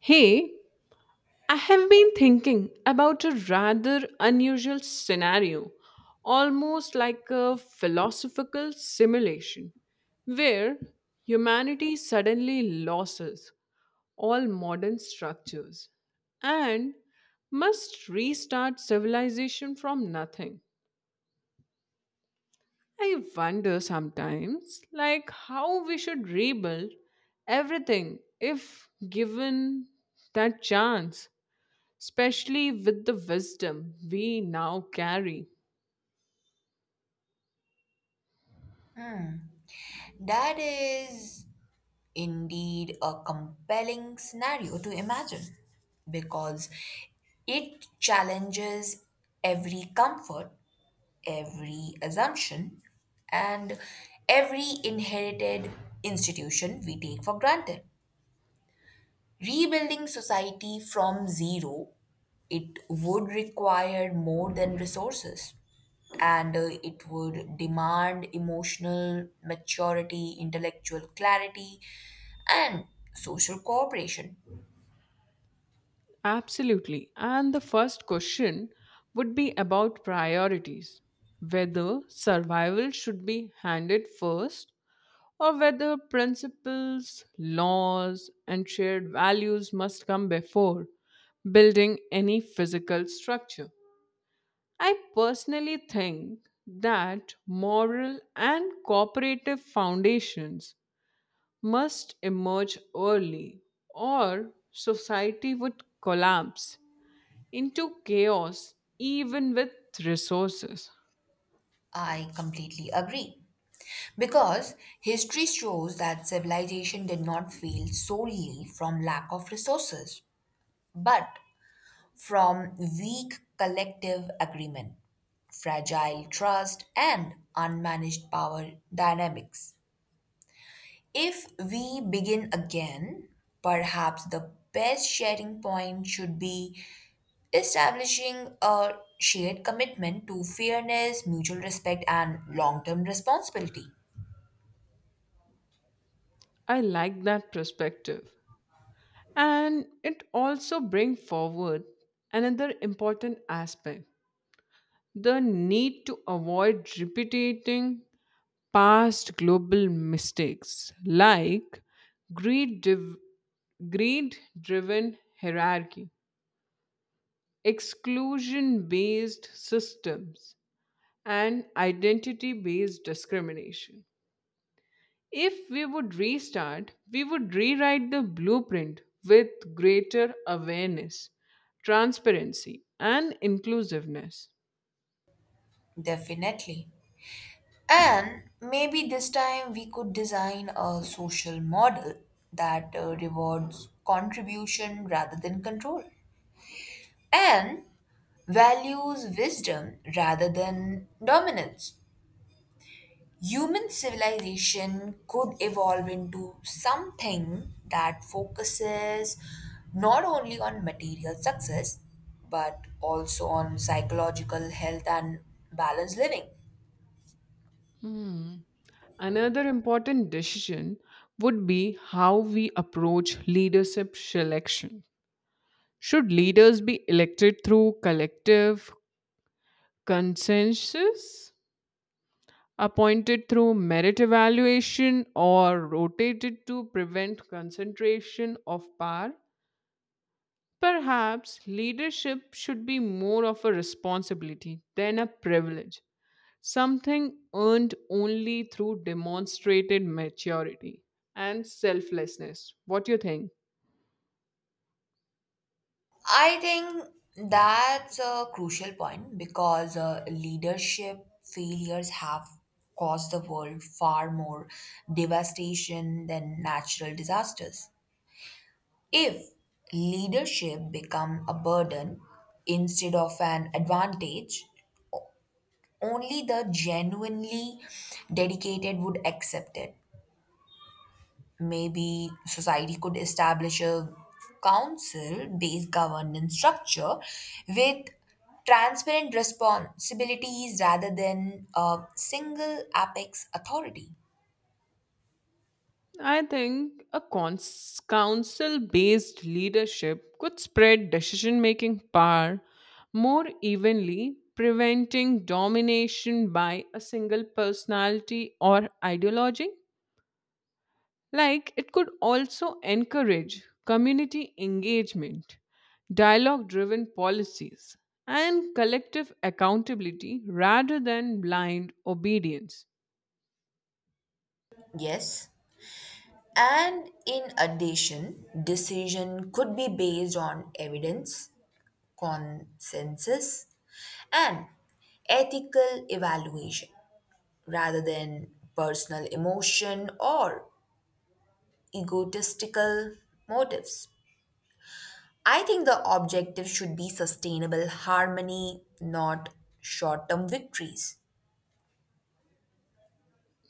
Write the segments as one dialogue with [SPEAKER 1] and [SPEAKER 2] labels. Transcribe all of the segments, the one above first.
[SPEAKER 1] Hey, I have been thinking about a rather unusual scenario, almost like a philosophical simulation, where humanity suddenly loses all modern structures and must restart civilization from nothing. I wonder sometimes, like, how we should rebuild everything if given that chance, especially with the wisdom we now carry.
[SPEAKER 2] That is indeed a compelling scenario to imagine because it challenges every comfort, every assumption, and every inherited institution we take for granted. Rebuilding society from zero, it would require more than resources and it would demand emotional maturity, intellectual clarity, and social cooperation.
[SPEAKER 1] Absolutely. And the first question would be about priorities, whether survival should be handed first or whether principles, laws, and shared values must come before building any physical structure. I personally think that moral and cooperative foundations must emerge early, or society would collapse into chaos even with resources.
[SPEAKER 2] I completely agree. Because history shows that civilization did not fail solely from lack of resources, but from weak collective agreement, fragile trust, and unmanaged power dynamics. If we begin again, perhaps the best sharing point should be establishing a shared commitment to fairness, mutual respect, and long term responsibility.
[SPEAKER 1] I like that perspective. And it also brings forward another important aspect: the need to avoid repeating past global mistakes like greed, div- greed driven hierarchy, exclusion based systems, and identity based discrimination. If we would restart, we would rewrite the blueprint with greater awareness, transparency, and inclusiveness.
[SPEAKER 2] Definitely. And maybe this time we could design a social model that rewards contribution rather than control and values wisdom rather than dominance. Human civilization could evolve into something that focuses not only on material success but also on psychological health and balanced living.
[SPEAKER 1] Hmm. Another important decision would be how we approach leadership selection. Should leaders be elected through collective consensus, appointed through merit evaluation, or rotated to prevent concentration of power? Perhaps leadership should be more of a responsibility than a privilege, something earned only through demonstrated maturity and selflessness. What do you think?
[SPEAKER 2] I think that's a crucial point because leadership failures have caused the world far more devastation than natural disasters. If leadership become a burden instead of an advantage, only the genuinely dedicated would accept it. Maybe society could establish a council based governance structure with transparent responsibilities rather than a single apex authority.
[SPEAKER 1] I think a council based leadership could spread decision making power more evenly, preventing domination by a single personality or ideology. Like, it could also encourage community engagement, dialogue driven policies, and collective accountability rather than blind obedience.
[SPEAKER 2] Yes. And in addition, decision could be based on evidence, consensus, and ethical evaluation rather than personal emotion or egotistical motives. I think the objective should be sustainable harmony, not short term victories.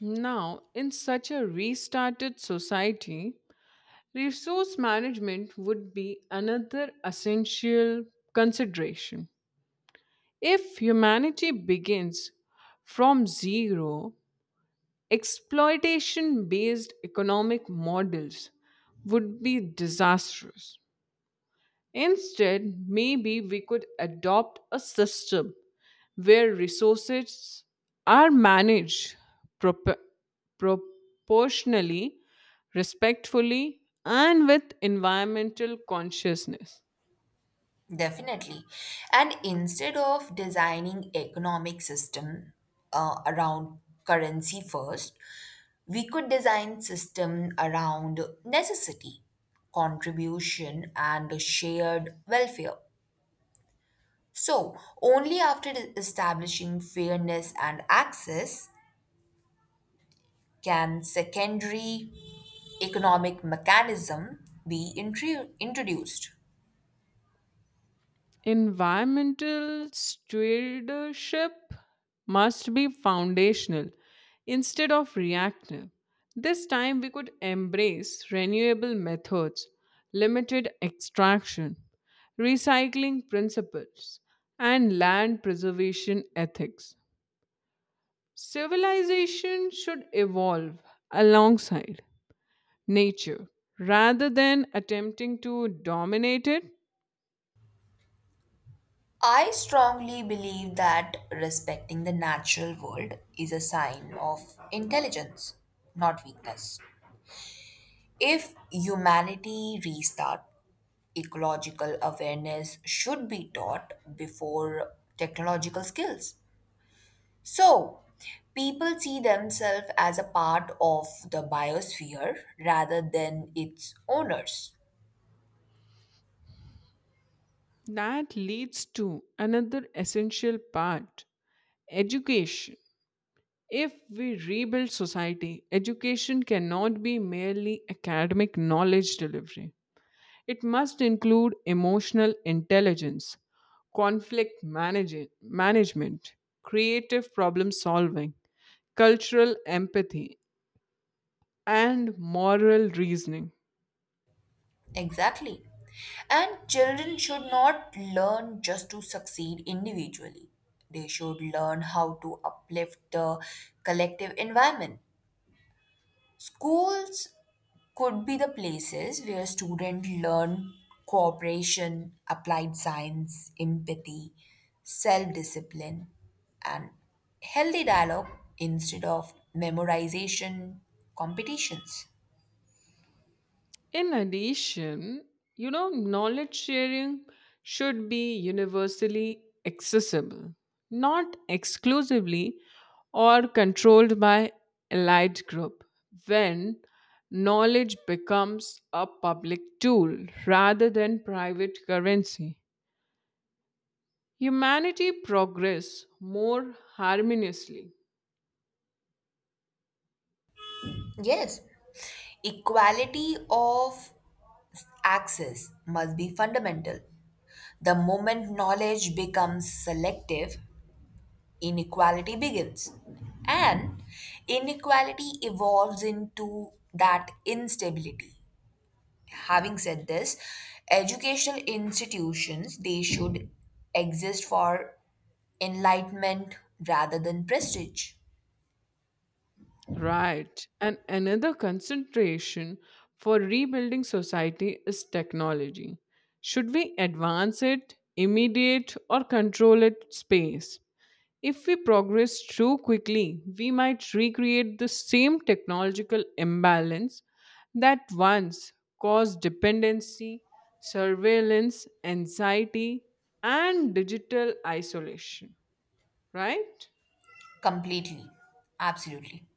[SPEAKER 1] Now, in such a restarted society, resource management would be another essential consideration. If humanity begins from zero, exploitation based economic models would be disastrous. Instead, maybe we could adopt a system where resources are managed prop- proportionally, respectfully, and with environmental consciousness.
[SPEAKER 2] Definitely. And instead of designing economic system around currency first, we could design system around necessity, contribution and shared welfare. So, only after establishing fairness and access can secondary economic mechanism introduced.
[SPEAKER 1] Environmental stewardship must be foundational instead of reactive. This time we could embrace renewable methods, limited extraction, recycling principles, and land preservation ethics. Civilization should evolve alongside nature rather than attempting to dominate it.
[SPEAKER 2] I strongly believe that respecting the natural world is a sign of intelligence, not weakness. If humanity restart, ecological awareness should be taught before technological skills. So, people see themselves as a part of the biosphere rather than its owners.
[SPEAKER 1] That leads to another essential part: education. If we rebuild society, education cannot be merely academic knowledge delivery. It must include emotional intelligence, conflict management, creative problem solving, cultural empathy, and moral reasoning.
[SPEAKER 2] Exactly. And children should not learn just to succeed individually. They should learn how to uplift the collective environment. Schools could be the places where students learn cooperation, applied science, empathy, self discipline, and healthy dialogue instead of memorization competitions.
[SPEAKER 1] In addition, knowledge sharing should be universally accessible, not exclusively or controlled by elite group. When knowledge becomes a public tool rather than private currency, humanity progress more harmoniously.
[SPEAKER 2] Yes, equality of access must be fundamental. The moment knowledge becomes selective, inequality begins. And inequality evolves into that instability. Having said this, educational institutions they should exist for enlightenment rather than prestige.
[SPEAKER 1] Right. And another concentration for rebuilding society is technology. Should we advance it, immediate, or control its space? If we progress too quickly, we might recreate the same technological imbalance that once caused dependency, surveillance, anxiety, and digital isolation. Right?
[SPEAKER 2] Completely. Absolutely.